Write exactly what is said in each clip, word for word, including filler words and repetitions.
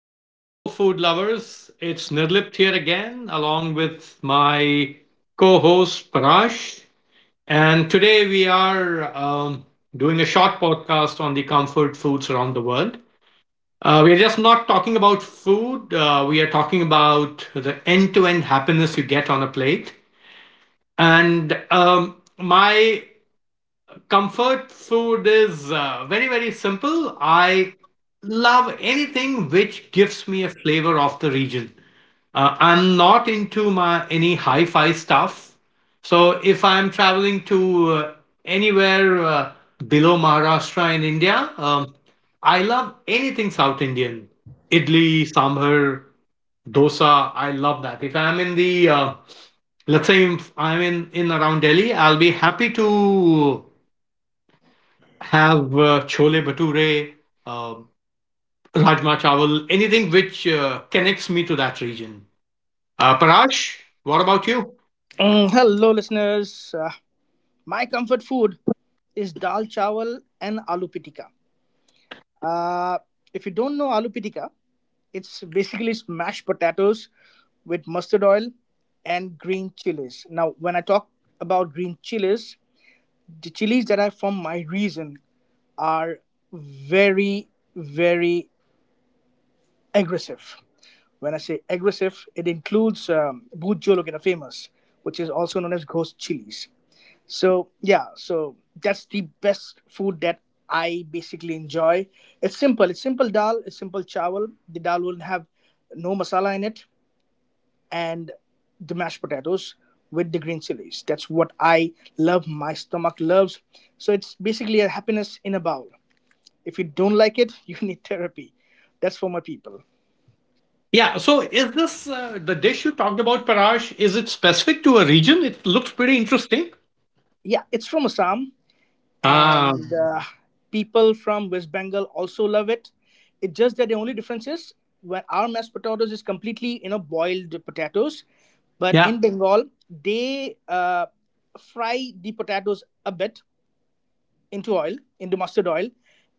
Hello, food lovers. It's Nirlipt here again, along with my co host Parash. And today we are um, doing a short podcast on the comfort foods around the world. Uh, we're just not talking about food, uh, we are talking about the end to end happiness you get on a plate. And um, my comfort food is uh, very, very simple. I love anything which gives me a flavor of the region. Uh, I'm not into my any hi-fi stuff. So if I'm traveling to uh, anywhere uh, below Maharashtra in India, um, I love anything South Indian. Idli, sambar, dosa. I love that. If I'm in the uh, let's say if I'm in in around Delhi, I'll be happy to have uh, chole bhature, uh, rajma chawal, anything which uh, connects me to that region. Uh, Parash, what about you? Mm, hello, listeners. Uh, my comfort food is dal chawal and aloo pitika. Uh, if you don't know aloo pitika, it's basically smashed potatoes with mustard oil and green chilies. Now, when I talk about green chilies, the chilies that are from my region are very, very aggressive. When I say aggressive, it includes um, Bujo Famous, which is also known as ghost chilies. So yeah, so that's the best food that I basically enjoy. It's simple. It's simple dal. It's simple chawal. The dal will have no masala in it, and the mashed potatoes with the green chilies. That's what I love. My stomach loves. So it's basically a happiness in a bowl. If you don't like it, you need therapy. That's for my people. Yeah. So is this uh, the dish you talked about, Parash? Is it specific to a region? It looks pretty interesting. Yeah, it's from Assam, Ah, and uh, people from West Bengal also love it. It's just that the only difference is when our mashed potatoes is completely you know boiled potatoes, but yeah. in Bengal they uh, fry the potatoes a bit into oil, into mustard oil,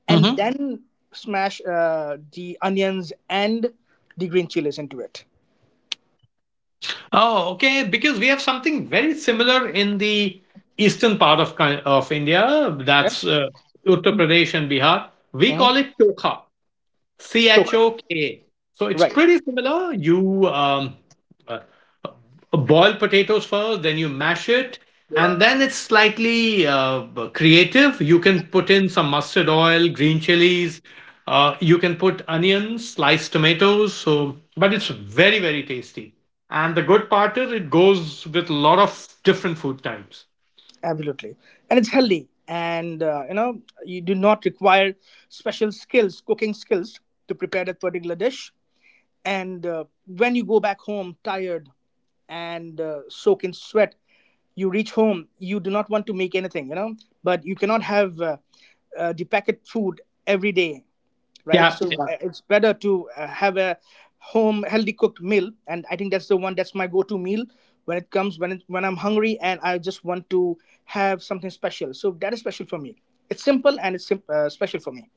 and Hmm. then smash uh, the onions and the green chilies into it. Oh, okay. Because we have something very similar in the eastern part of Ki- of India. That's uh, Uttar Pradesh and Bihar. We Mhm. call it chokha. C H O K. So it's Right. pretty similar. You um, uh, uh, boil potatoes first, then you mash it, and then it's slightly uh, creative. You can put in some mustard oil, green chilies. Uh, you can put onions, sliced tomatoes. So, but it's very very tasty. And the good part is it goes with a lot of different food types. Absolutely. And it's healthy. And, uh, you know, you do not require special skills, cooking skills, to prepare that particular dish. And uh, when you go back home tired and uh, soak in sweat, you reach home, you do not want to make anything, you know, but you cannot have uh, uh, the packet food every day, right? Yeah. So I- it's better to uh, have a home healthy cooked meal, and I think that's the one that's my go-to meal when it comes when it, when I'm hungry and I just want to have something special. So that is special for me. It's simple and it's sim- uh, special for me.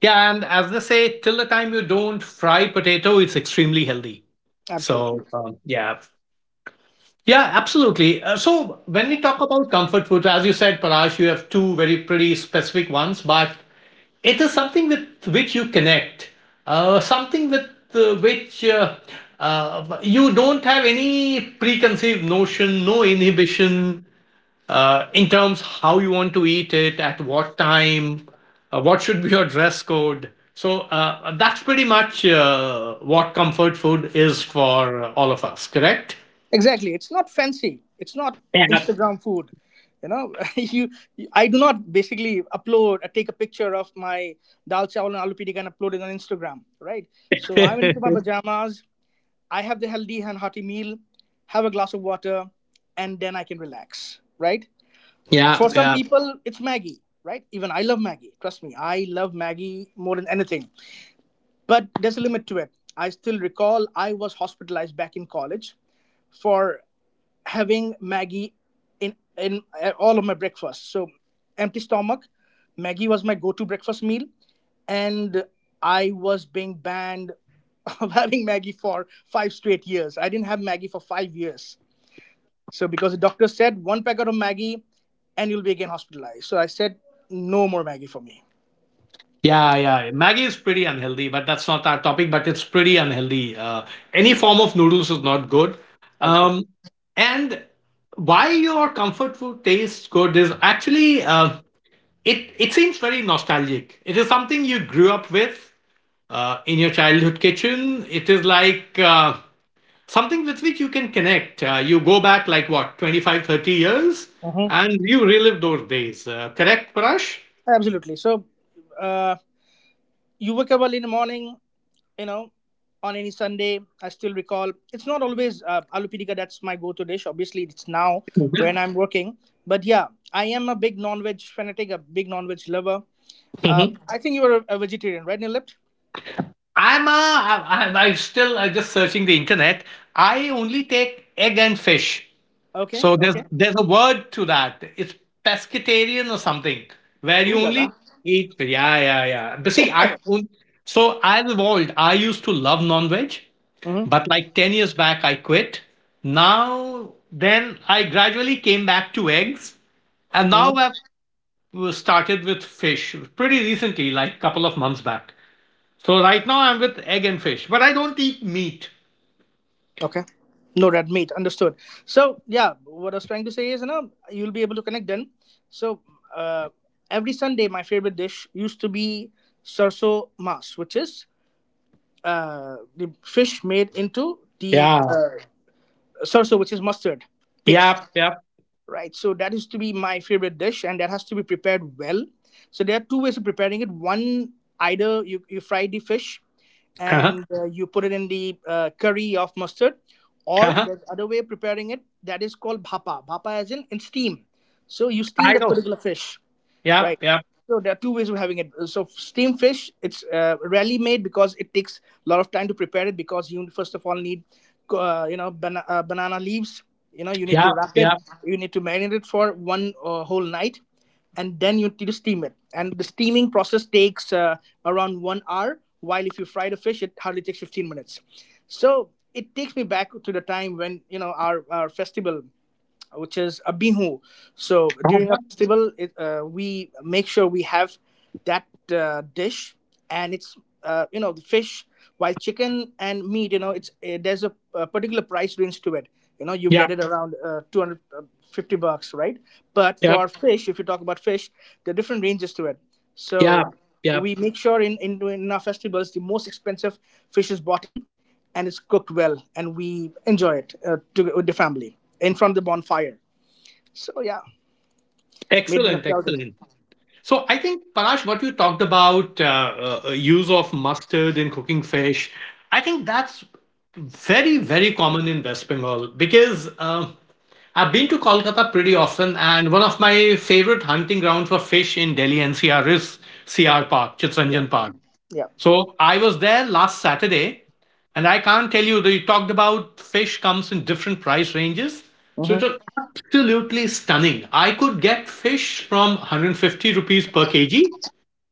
Yeah, and as they say, till the time you don't fry potato, it's extremely healthy. Absolutely, So um, yeah, yeah, absolutely. Uh, so when we talk about comfort food, as you said, Parash, you have two very pretty specific ones, but it is something with which you connect, uh, something with uh, which uh, uh, you don't have any preconceived notion, no inhibition, uh, in terms how you want to eat it, at what time, uh, what should be your dress code. So uh, that's pretty much uh, what comfort food is for all of us, correct? exactly. It's not fancy. It's not Yeah. Instagram food. You know, you, you- I do not basically upload, uh, take a picture of my dal chawal and aloo pidi and upload it on Instagram, right? So I'm into my yeah, pajamas, I have the healthy and hearty meal, have a glass of water, and then I can relax, right? For some yeah. people, it's Maggie, right? Even I love Maggie. Trust me, I love Maggie more than anything. But there's a limit to it. I still recall I was hospitalized back in college for having Maggie in in uh, all of my breakfast. So empty stomach, Maggie was my go-to breakfast meal, and I was being banned of having Maggie for five straight years. I didn't have Maggie for five years. So because the doctor said one packet of Maggie and you'll be again hospitalized. So I said no more Maggie for me. Yeah, yeah. Maggie is pretty unhealthy, but that's not our topic. But it's pretty unhealthy. Uh, any form of noodles is not good. Absolutely. Um, and why your comfort food tastes good is actually uh, it. It seems very nostalgic. It is something you grew up with, uh, in your childhood kitchen. It is like uh, something with which you can connect. Uh, you go back like what twenty-five, thirty years Mhm. and you relive those days. Uh, correct, Parash? Absolutely. So uh, you wake up early in the morning, you know, on any Sunday. I still recall it's not always uh, aloo pitika. That's my go-to dish. Obviously, it's now when I'm working. But yeah, I am a big non-veg fanatic, a big non-veg lover. Uh, Mhm. I think you are a, a vegetarian, right, Nilipt? I'm, uh, I- I'm I'm still uh, just searching the internet. I only take egg and fish. Okay, So there's okay. there's a word to that. It's pescatarian or something, where you only eat. Yeah, yeah, yeah. But see, I on- so I've evolved. I used to love non-veg, Hmm. but like ten years back, I quit. Now, then I gradually came back to eggs, and now Hmm. I've started with fish pretty recently, like a couple of months back. So right now I'm with egg and fish, but I don't eat meat. Okay. No red meat, understood. So yeah, what I was trying to say is, you know, you'll be able to connect then. So uh, every Sunday, my favorite dish used to be sarso mas, which is uh, the fish made into the Yeah. uh, salsa, which is mustard paste, Yep. Yep. right? So that is to be my favorite dish, and that has to be prepared well. So there are two ways of preparing it. One, either you, you fry the fish Uh-huh. and uh, you put it in the uh, curry of mustard, or Uh-huh. there's other way of preparing it that is called bhapa. Bhapa as in in steam. So you steam I that know. particular fish. Yep. Right. Yep. So there are two ways of having it. So steamed fish, it's uh, rarely made because it takes a lot of time to prepare it. Because you first of all need, uh, you know, bana- uh, banana leaves. You know, you need Yeah, to wrap it. yeah, You need to marinate it for one uh, whole night, and then you need to steam it. And the steaming process takes uh, around one hour. While if you fry the fish, it hardly takes fifteen minutes. So it takes me back to the time when you know our our festival which is a bihu. So during a festival, it, uh, we make sure we have that uh, dish, and it's uh, you know the fish, while chicken and meat, you know it's uh, there's a, a particular price range to it. You know you yeah, get it around uh, two hundred fifty bucks, right? But yeah, for fish, if you talk about fish, there are different ranges to it. yeah, So yeah. we make sure in in, in our festivals the most expensive fish is bought in and it's cooked well, and we enjoy it uh, to, with the family in front of the bonfire, so yeah, made me Excellent, nostalgic. excellent. So I think Parash, what you talked about uh, uh, uh, use of mustard in cooking fish, I think that's very, very common in West Bengal because uh, I've been to Kolkata pretty often, and one of my favorite hunting grounds for fish in Delhi N C R is C R Park, Yeah, Chittaranjan Park. yeah. So I was there last Saturday, and I can't tell you. They talked about fish comes in different price ranges, so it was Mm-hmm. absolutely stunning. I could get fish from one hundred fifty rupees per kg,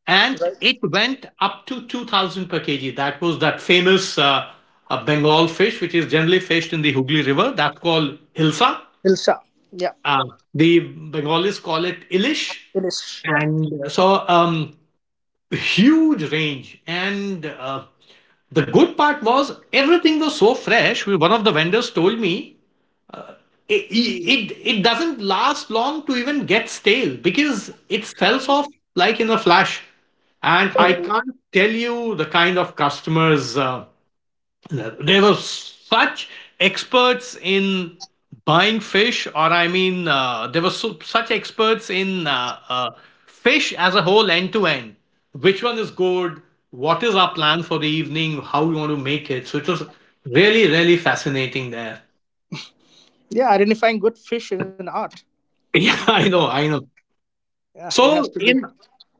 and Right. it went up to two thousand per kg. That was that famous uh, uh, Bengal fish, which is generally fished in the Hooghly River. That's called hilsa. Ilsa, yeah, Uh, the Bengalis call it ilish, it is, yeah, and uh, so um, huge range and. Uh, the good part was everything was so fresh. We- One of the vendors told me it, it, it doesn't last long to even get stale because it sells off like in a flash. And I can't tell you the kind of customers uh, they were such experts in buying fish, or I mean, uh, they were so, such experts in uh, uh, fish as a whole, end to end. Which one is good? What is our plan for the evening? How we want to make it? So it was really, really fascinating there. yeah. Identifying good fish is an art. Yeah, I know, I know. Yeah, it has So to be. in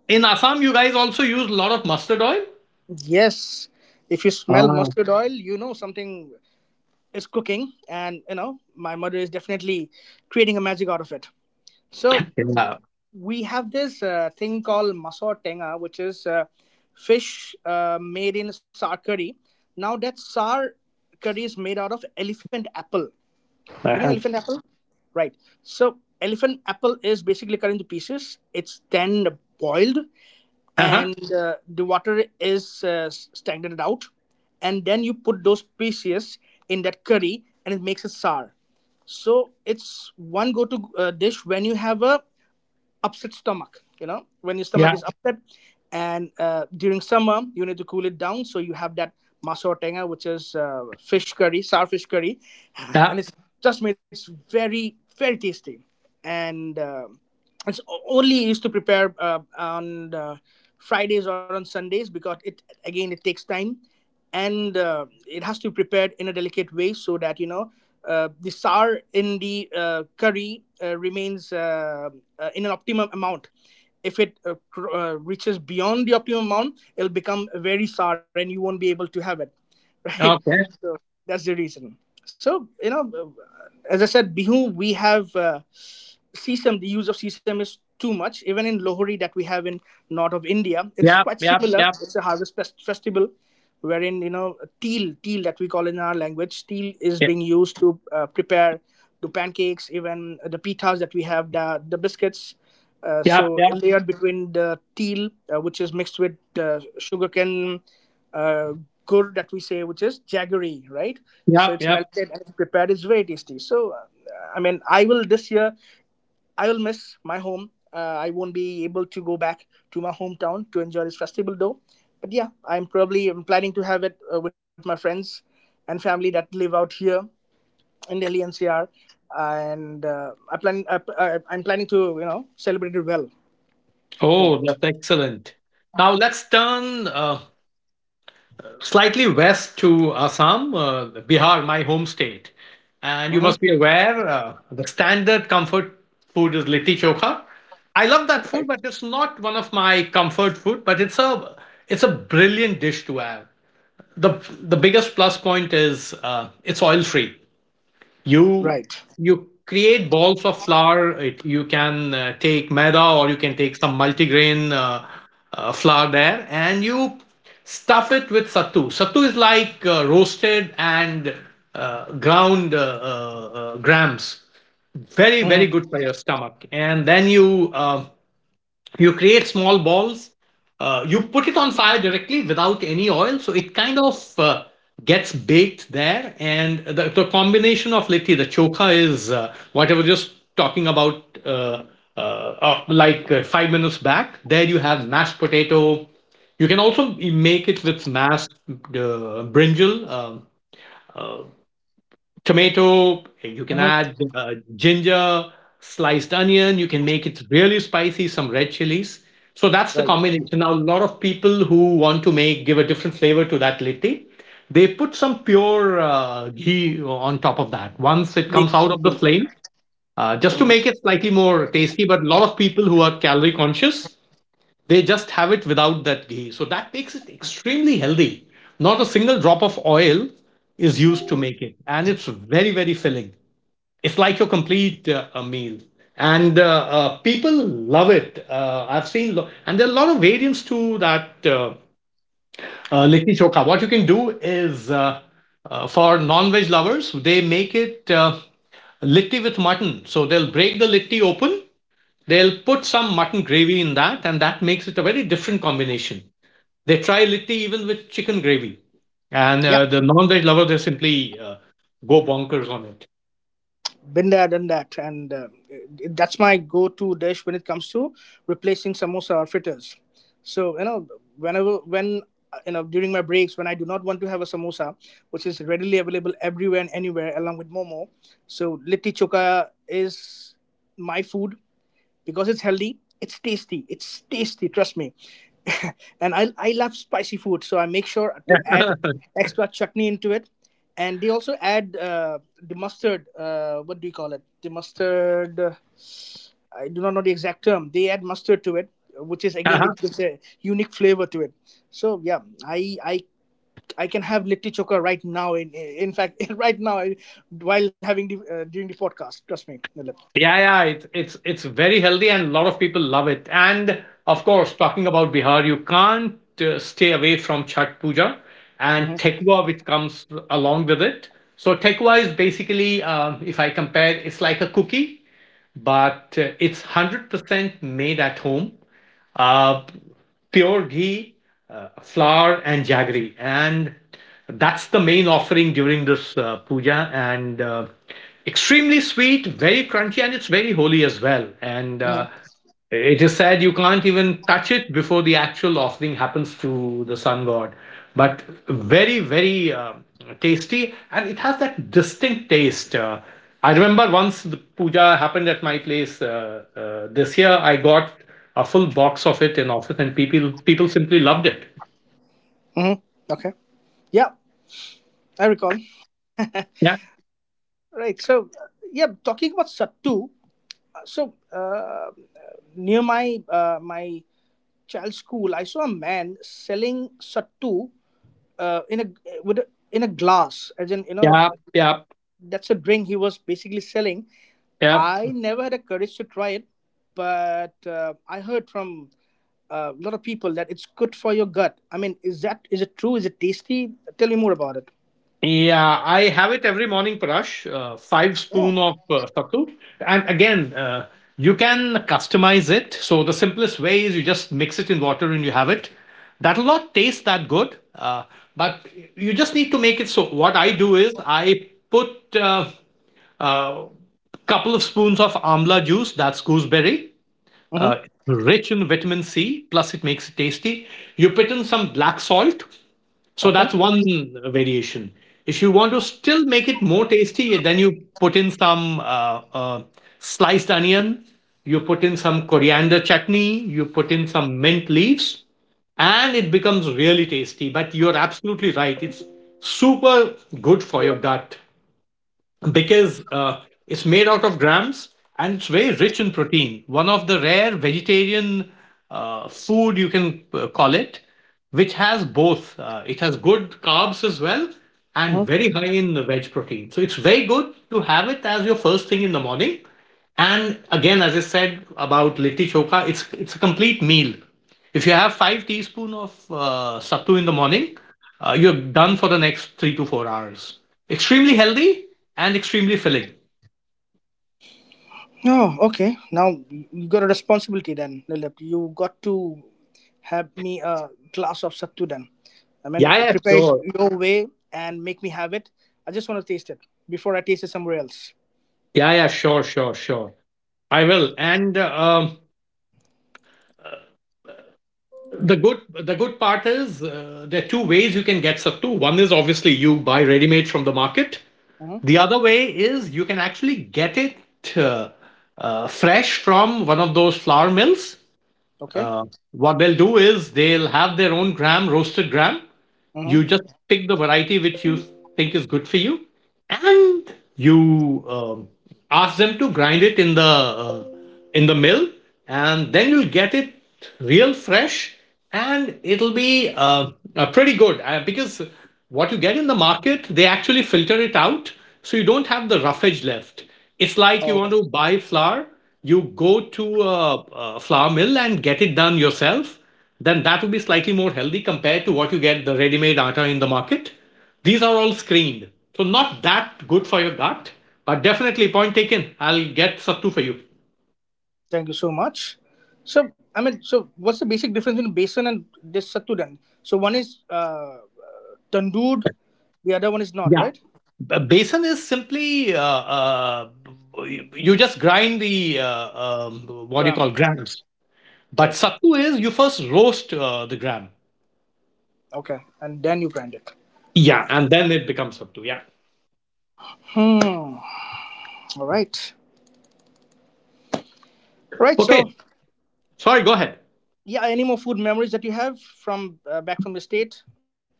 in Assam, you guys also use a lot of mustard oil. Yes, if you smell Ah, mustard oil you know something is cooking and you know my mother is definitely creating a magic out of it. So yeah. we have this uh, thing called maso tenga, which is uh, fish uh, made in sar curry. Now that sar curry is made out of elephant apple. You know Uh-huh. elephant apple, right? So elephant apple is basically cut into pieces. It's then boiled, Uh-huh. and uh, the water is uh, standarded out, and then you put those pieces in that curry, and it makes a sar. So it's one go-to uh, dish when you have a upset stomach, you know when your stomach Yeah. is upset and uh, during summer you need to cool it down, so you have that maso tenga which is uh, fish curry, sour fish curry Yeah. and it's just made very very tasty, and uh, it's o- only used to prepare uh, on uh, Fridays or on Sundays because it again it takes time, and uh, it has to be prepared in a delicate way so that you know uh, the sour in the uh, curry uh, remains uh, uh, in an optimum amount. If it uh, cr- uh, reaches beyond the optimum amount it'll become very sour and you won't be able to have it right? Okay. So that's the reason. So you know, uh, as I said, Bihu, we have uh, CSAM, the use of sesame is too much. Even in Lohri that we have in north of India, it's Yep. quite Yep. similar. Yep. It's a harvest fest- festival wherein, you know, teal, teal that we call in our language, teal is Yep. being used to uh, prepare the pancakes, even the pitas that we have, the, the biscuits. Uh, Yep. So layered between the teal, uh, which is mixed with uh, sugarcane uh, gur that we say, which is jaggery, right? So Yep. it's Yep. melted and it's prepared. It's very tasty. So uh, I mean, I will this year. I will miss my home. Uh, I won't be able to go back to my hometown to enjoy this festival though. But yeah, I'm probably I'm planning to have it uh, with my friends and family that live out here in Delhi N C R, and uh, I plan I, I, I'm planning to you know celebrate it well, Oh, Nilipt. that's excellent. Now let's turn uh, slightly west to Assam, uh, Bihar, my home state. And you Mm-hmm. must be aware uh, the standard comfort food is litti chokha. I love that food, Right. but it's not one of my comfort food. But it's a it's a brilliant dish to have. the The biggest plus point is uh, it's oil free. you Right. you create balls of flour, it, you can uh, take maida or you can take some multigrain uh, uh, flour there, and you stuff it with sattu. Sattu is like uh, roasted and uh, ground uh, uh, uh, grams, very very good for Mm-hmm. your stomach. And then you uh, you create small balls. uh, you put it on fire directly without any oil, so it kind of uh, gets baked there. And the, the combination of litti the chokha is uh, what I was just talking about uh, uh, uh, like uh, five minutes back. There you have mashed potato. You can also make it with mashed uh, brinjal, um tomato. You can add Mm-hmm. uh, ginger, sliced onion. You can make it really spicy, some red chilies. So that's the Right. combination. Now, a lot of people who want to make give a different flavor to that litti, they put some pure uh, ghee on top of that. Once it They- comes out of the flame, uh, just to Mhm. make it slightly more tasty. But a lot of people who are calorie conscious, they just have it without that ghee. So that makes it extremely healthy. Not a single drop of oil is used to make it. And it's very, very filling. It's like your complete uh, a meal. And uh, uh, people love it. Uh, I've seen, lo- and there are a lot of variants to that uh, uh, litti chokha. What you can do is uh, uh, for non veg lovers, they make it uh, litti with mutton. So they'll break the litti open, they'll put some mutton gravy in that, and that makes it a very different combination. They try litti even with chicken gravy, and Yeah. uh, the non-veg lover they simply uh, go bonkers on Been there, done that, and uh, it- that's my go-to dish when it comes to replacing samosa or fritters. So you know, whenever when uh, you know during my breaks when I do not want to have a samosa, which is readily available everywhere and anywhere along with momo, so litti choka is my food because it's healthy, it's tasty it's tasty, trust me. And I, I love spicy food, so I make sure to add it. extra chutney into it. And they also add uh, the mustard uh, what do you call it, the mustard, uh, I do not know the exact term, they add mustard to it, which is again Uh-huh. it gives a unique flavor to it. So yeah, i i I can have litti choka right now, in in fact, right now I- while having the uh, during the podcast, trust me, Nilip. Yeah, yeah, it's it's it's very healthy, and a lot of people love it. And of course, talking about Bihar, you can't uh, stay away from Chhat Puja and Mhm. Tekwa, which comes along with it. So Tekwa is basically, um, if I compare, it's like a cookie but uh, it's one hundred percent made at home. Uh, pure ghee, uh, flour, and jaggery. And that's the main offering during this uh, puja. And uh, extremely sweet, very crunchy, and it's very holy as well. And uh, it is said you can't even touch it before the actual offering happens to the sun god. But very, very uh, tasty, and it has that distinct taste. Uh, I remember once the puja happened at my place uh, uh, this year. I got a full box of it in office, and people people simply loved it. Mhm. Okay. Yeah, I recall. Yeah, Right. So, uh, yeah, talking about Sattu. uh, So, uh, near my uh, my child's school, I saw a man selling Sattu uh, in a with a, in a glass, as in you know, yeah, yeah, that's a drink he was basically selling. yeah. I never had the courage to try it, but uh, I heard from uh, a lot of people that it's good for your gut. I mean, is that is it true? Is it tasty? Tell me more about it. Yeah, I have it every morning, Parash. Uh, five spoon of uh, sattu, and again, uh, you can customize it. So the simplest way is you just mix it in water and you have it. That'll not taste that good, uh, but you just need to make it. So what I do is I put uh, a couple of spoons of amla juice. That's gooseberry, Mm-hmm. uh, rich in vitamin C. Plus, it makes it tasty. You put in some black salt, so Okay. that's one variation. If you want to still make it more tasty, then you put in some uh, uh, sliced onion, you put in some coriander chutney, you put in some mint leaves, and it becomes really tasty. But you're absolutely right. It's super good for your gut because uh, it's made out of grams and it's very rich in protein. One of the rare vegetarian uh, food you can uh, call it, which has both. Uh, it has good carbs as well and Mm-hmm. very high in the veg protein. So it's very good to have it as your first thing in the morning. And again, as I said about litti choka, it's it's a complete meal. If you have five teaspoon of uh, sattu in the morning, uh, you're done for the next three to four hours. Extremely healthy and extremely filling. Oh, okay. Now you got a responsibility then, Lilip. You got to have me a glass of sattu then. I mean, Yeah, yeah, prepare it sure. your way and make me have it. I just want to taste it before I taste it somewhere else. Yeah, yeah, sure, sure, sure. I will. And uh, um, the good the good part is uh, there are two ways you can get sattu. One is obviously you buy ready made from the market. Hmm. The other way is you can actually get it uh, uh, fresh from one of those flour mills. Okay. Uh, what they'll do is they'll have their own gram, roasted gram. Hmm. You just pick the variety which you think is good for you, and you um, ask them to grind it in the uh, in the mill, and then you'll get it real fresh, and it'll be uh, uh, pretty good uh, because what you get in the market they actually filter it out, so you don't have the roughage left. It's like you Oh, want to buy flour, you go to a, a flour mill and get it done yourself. Then that would be slightly more healthy compared to what you get the ready-made atta in the market. These are all screened, so not that good for your gut, but definitely point taken. I'll get sattu for you. thank you so much. So, I mean, so what's the basic difference between basin and this sattu then? So one is uh, tandood, the other one is not, right? Yeah. B- Besan is simply uh, uh, you you just grind the uh, um, what do you call Gram. grams, but Right. sattu is you first roast uh, the gram. Okay. And then you grind it. Yeah. And And then it becomes sattu. Yeah. hmm. All right. Right. Okay. So, Sorry. Go ahead. yeah, any more food memories that you have from uh, back from the state?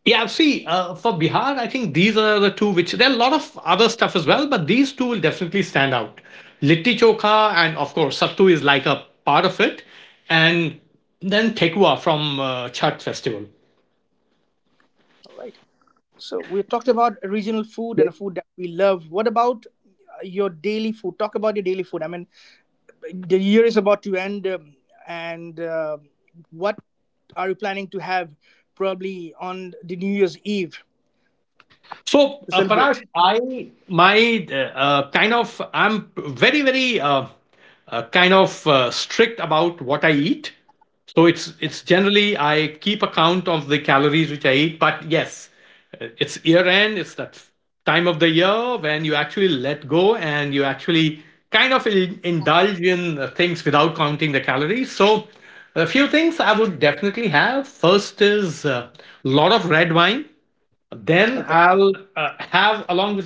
Yeah, see, uh, for Bihar, I think these are the two which there are a lot of other stuff as well, but these two will definitely stand out. Litti Chokha and of course Sattu is like a part of it, and then Tekua from uh, Chhat Festival. All right. So we talked about regional food and a food that we love. What about uh, your daily food? Talk about your daily food. I mean, the year is about to end, um, and uh, what are you planning to have probably on the New Year's Eve to So, uh, celebrate? Parag, I my uh, uh, kind of I'm very very uh, uh, kind of uh, strict about what I eat. So it's it's generally I keep account of the calories which I eat. But yes, uh, it's year end. It's that f- time of the year when you actually let go and you actually kind of in, indulge in uh, things without counting the calories. So a few things I would definitely have. First is a lot of red wine. Then Okay. I'll uh, have along with.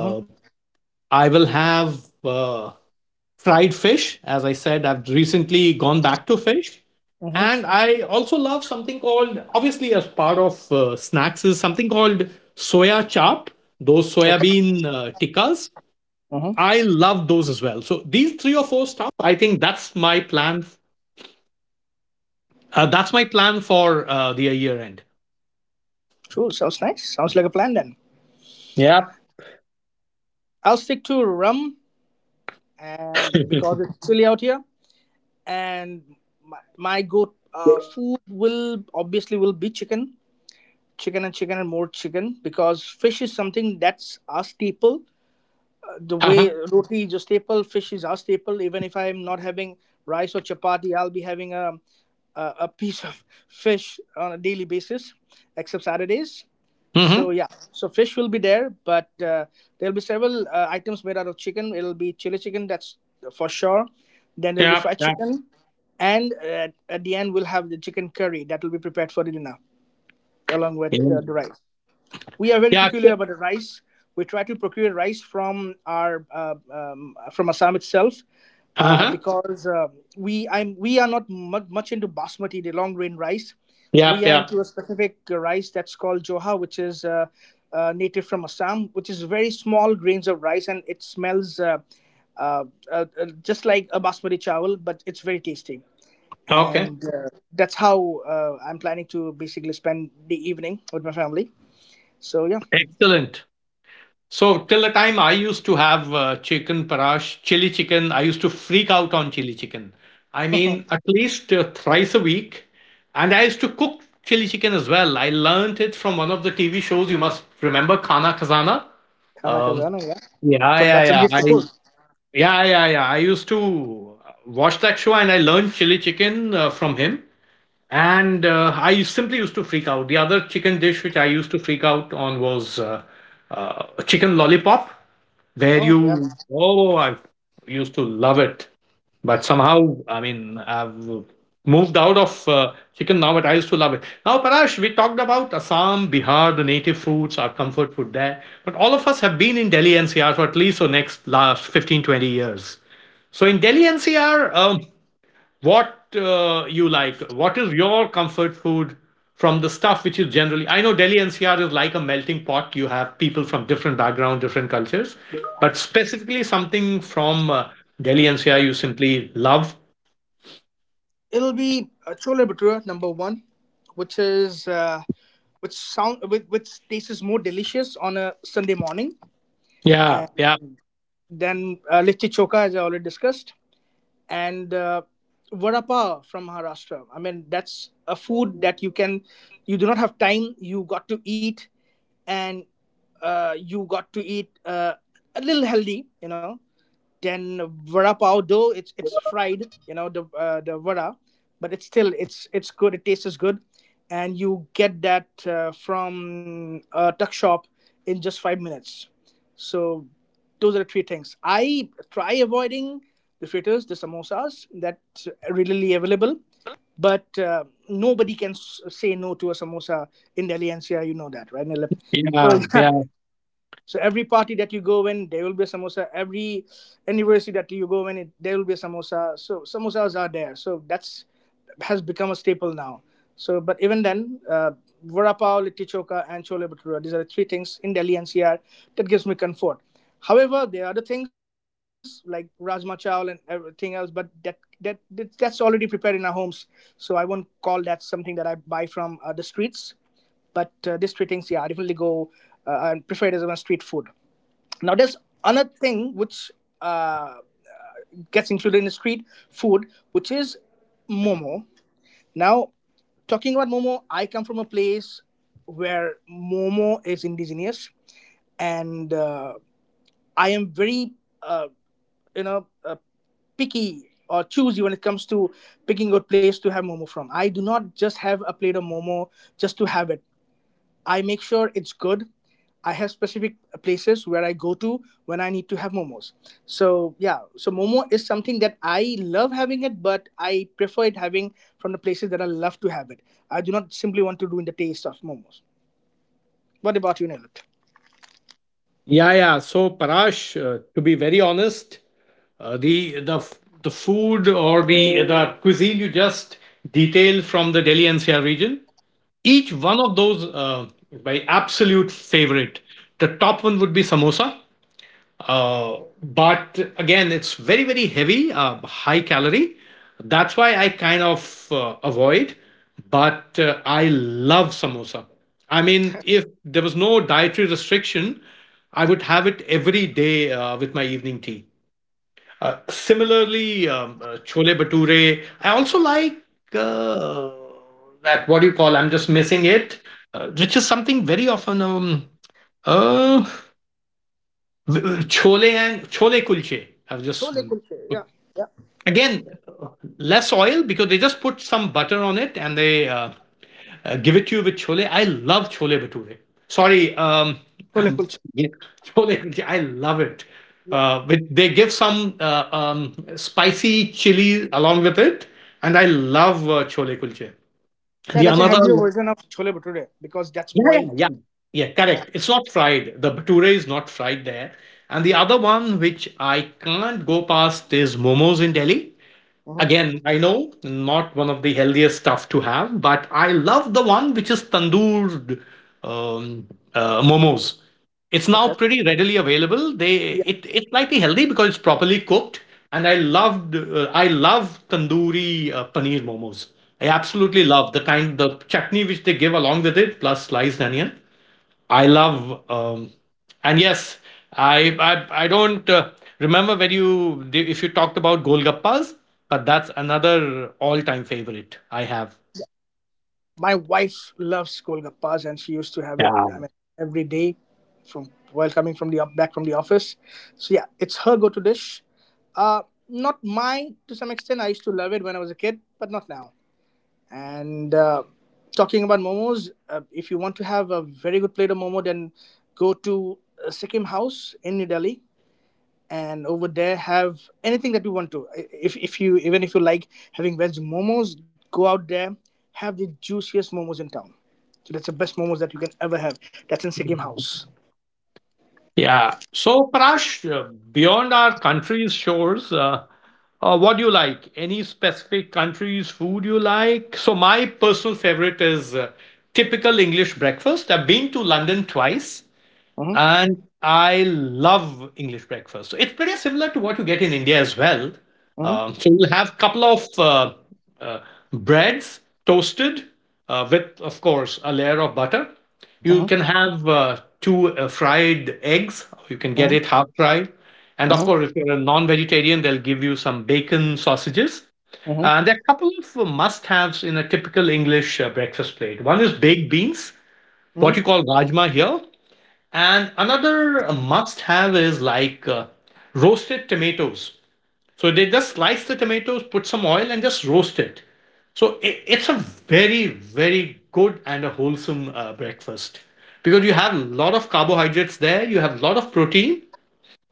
Uh-huh. Uh-huh. Okay. Uh-huh. Uh, that's my plan for uh, the year end. True. Sounds nice. Sounds like a plan then. Yep. I'll stick to rum, and because it's chilly out here, and my, my go uh, food will obviously will be chicken chicken and chicken and more chicken because fish is something that's our staple the Uh-huh. way roti is a staple, fish is our staple. Even if I'm not having rice or chapati, I'll be having a a, a piece of fish on a daily basis, except Saturdays. So Mm-hmm. yeah, so fish will be there, but uh, there'll be several uh, items made out of chicken. It'll be chili chicken, that's for sure. Then there'll be Yep. fried Yep. chicken, and at, at the end we'll have the chicken curry that will be prepared for the dinner along with uh, the rice. We are very Yep. peculiar about the rice. We try to procure rice from our uh, um, from Assam itself uh, Uh-huh. because uh, we I'm we are not mu- much into basmati, the long grain rice. We Yep. are Yep. into a specific uh, rice that's called joha, which is uh, uh, native from Assam, which is very small grains of rice, and it smells uh, uh, uh, uh, just like a basmati chawal, but it's very tasty. Okay. And uh, that's how uh, I'm planning to basically spend the evening with my family. So yeah. Excellent. So till the time I used to have uh, chicken parash, chili chicken, I used to freak out on chili chicken. I mean, at least uh, thrice a week, and I used to cook chili chicken as well. I learned it from one of the T V shows. You must remember Khana Khazana. Khana Um, Khazana, yeah. yeah, From by yeah, yeah. Sanjeev I Kapoor. Yeah, yeah, yeah. I used to uh, watch that show and I learned chili chicken uh, from him, and uh, I simply used to freak out. The other chicken dish which I used to freak out on was uh, uh, chicken lollipop, where Oh yeah. you oh I used to love it, but somehow I mean I've moved out of uh, chicken now, but I used to love it. Now Parash, we talked about Assam, Bihar, the native foods, our comfort food there, but all of us have been in Delhi N C R for at least the next last fifteen twenty years. So in Delhi N C R, um, what uh, you like. What is your comfort food from the stuff which is generally? I know Delhi N C R is like a melting pot. You have people from different background, different cultures, but specifically something from uh, Delhi N C R you simply love. It'll be uh, Chole Bhatura number one, which is uh, which sound which, which tastes more delicious on a Sunday morning Yeah, yeah. than uh, Litti Choka as I already discussed, and uh, Vada Pav from Maharashtra. I mean that's a food that you can you do not have time. You got to eat and uh, you got to eat uh, a little healthy, you know. Then vada pav, though it's it's fried, you know the uh, the vada, but it's still it's it's good. It tastes good, and you get that uh, from a tuck shop in just five minutes. So those are the three things. I try avoiding the fritters, the samosas that's readily available, but uh, nobody can s- say no to a samosa in Delhi N C R. You know that, right, Nilip? So Yeah, yeah, so every party that you go in, there will be a samosa. Every anniversary that you go in, it, there will be a samosa. So samosas are there. So that's has become a staple now. So, but even then, uh, vada pav, litti choka, and chole bhatura. These are the three things in Delhi N C R that gives me comfort. However, there are other things like rajma chawal and everything else, but that that that- that's already prepared in our homes. So I won't call that something that I buy from uh, the streets. But uh, these three things, yeah, I definitely go uh, and prefer it as a street food. Now, there's another thing which uh, gets included in the street food, which is momo. Now, talking about momo, I come from a place where momo is indigenous, and uh, I am very, uh, you know, uh, picky or choosy when it comes to picking a place to have momo from. I do not just have a plate of momo just to have it. I make sure it's good. I have specific places where I go to when I need to have momos. So yeah, so momo is something that I love having it, but I prefer it having from the places that I love to have it. I do not simply want to ruin the taste of momos. What about you, Nilut? yeah, yeah. So, Parash, uh, to be very honest, uh, the the f- the food or the the cuisine you just detailed from the Delhi N C R region, each one of those uh, my absolute favorite. The top one would be samosa. Uh, but again, it's very, very heavy, uh, high calorie. That's why I kind of uh, avoid. But uh, I love samosa. I mean, if there was no dietary restriction, I would have it every day uh, with my evening tea. Uh, similarly, um, uh, chole bhature. I also like uh, that. What do you call? I'm just missing it, uh, which is something very often um, uh, chole and chole kulche have just Chole kulche, yeah, yeah. again less oil because they just put some butter on it and they uh, uh, give it to you with chole. I love chole bature. Sorry, um, Chole I'm, kulche, yeah, chole kulche. I love it. yeah. Uh, with, they give some uh, um, spicy chili along with it, and I love uh, chole kulche. Yeah, The that's a another healthier version of chole bhature because that's Yeah, yeah, boiled. yeah. Yeah, Yeah. correct. It's not fried. The bhatura is not fried there. And the other one which I can't go past is momos in Delhi. Mhm. Again, I know not one of the healthiest stuff to have, but I love the one which is tandoor, um, uh, momos. It's now Okay. pretty readily available. They it it's slightly healthy because it's properly cooked, and I loved uh, I love tandoori uh, paneer momos. I absolutely love the kind the chutney which they give along with it, plus sliced onion. I love, um, and yes, I I, I don't uh, remember when you if you talked about golgappas, but that's another all-time favorite I have. My wife loves golgappas, and she used to have it. Yeah. I mean, every day, from while coming from the back from the office. So yeah, it's her go-to dish. Uh, not mine to some extent. I used to love it when I was a kid, but not now. And uh, talking about momos, uh, if you want to have a very good plate of momo, then go to uh, Sikkim House in New Delhi and over there have anything that you want to. If if you even if you like having veg momos, go out there, have the juiciest momos in town. So that's the best momos that you can ever have. That's in Sikkim House. Yeah. So, Parash, uh, beyond our country's shores, uh, uh, what do you like? Any specific country's food you like? So, my personal favorite is uh, typical English breakfast. I've been to London twice, Mhm, and I love English breakfast. So it's pretty similar to what you get in India as well. mhm, Um, so you'll have a couple of uh, uh, breads toasted uh, with, of course, a layer of butter. You mhm, can have uh, two uh, fried eggs. You can get mhm, it half fried, and of mhm, course, if you're a non-vegetarian, they'll give you some bacon sausages. mhm, And there are a couple of uh, must-haves in a typical English uh, breakfast plate. One is baked beans, what mhm. you call rajma here, and another must have is like uh, roasted tomatoes. So they just slice the tomatoes, put some oil, and just roast it. So it's a very, very good and a wholesome uh, breakfast because you have a lot of carbohydrates there, you have a lot of protein,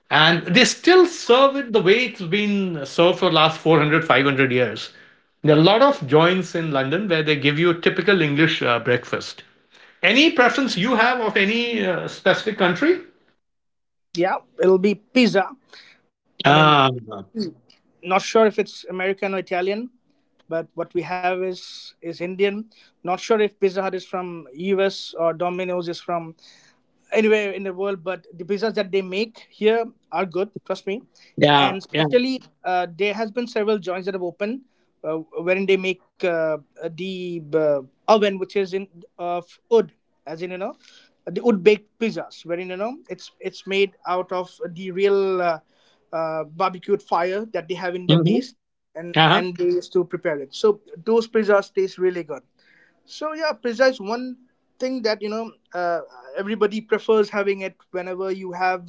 and they still serve it the way it's been served for the last four hundred, five hundred years. There are a lot of joints in London where they give you a typical English uh, breakfast. Any preference you have of any uh, specific country? Yeah, it'll be pizza. I mean, Ah, not sure if it's American or Italian, but what we have is is Indian. Not sure if Pizza Hut is from U S or Domino's is from anywhere in the world, but the pizzas that they make here are good, trust me. yeah, And yeah. especially, uh, there has been several joints that have opened, uh, wherein they make uh, the uh, oven, which is in of wood, as in you know, the wood baked pizzas, wherein you know it's it's made out of the real uh, uh, barbecued fire that they have in their Hmm. base, and Uh-huh. and they used to prepare it. So those pizzas taste really good. So yeah, pizza is one thing that you know uh, everybody prefers having it whenever you have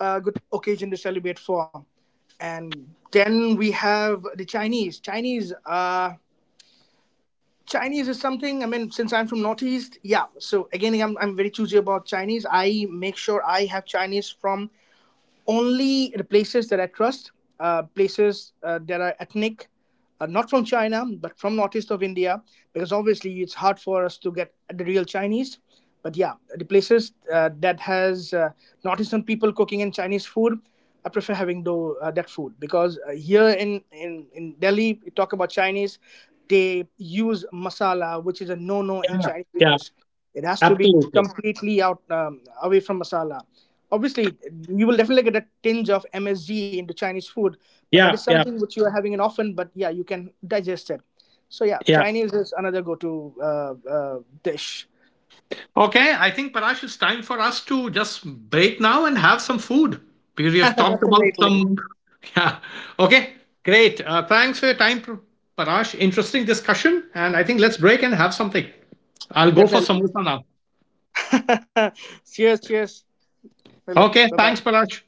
a good occasion to celebrate for. And then we have the Chinese. Chinese, uh, Chinese is something. I mean, since I'm from Northeast, yeah. So again, I'm I'm very choosy about Chinese. I make sure I have Chinese from only the places that I trust, uh, places uh, that are ethnic, uh, not from China, but from northeast of India, because obviously it's hard for us to get the real Chinese. But yeah, the places uh, that has uh, northeastern people cooking in Chinese food, I prefer having though uh, that food because uh, here in, in, in Delhi, we talk about Chinese, they use masala, which is a no no in Yeah, Chinese yeah, dishes. It has to be absolutely. completely out um, away from masala. Obviously, you will definitely get a tinge of M S G into Chinese food, but that is Yeah, yeah, something which you are having in often, but yeah, you can digest it. So, yeah, yeah. Chinese is another go to uh, uh, dish. Okay, I think Parash, it's time for us to just break now and have some food because we have talked about Definitely. some. Yeah, okay, great. Uh, thanks for your time, Pr- Parash. Interesting discussion, and I think let's break and have something. I'll go for Definitely. samosa now. Cheers, cheers, Philip. Bye Okay, bye. thanks, Parash.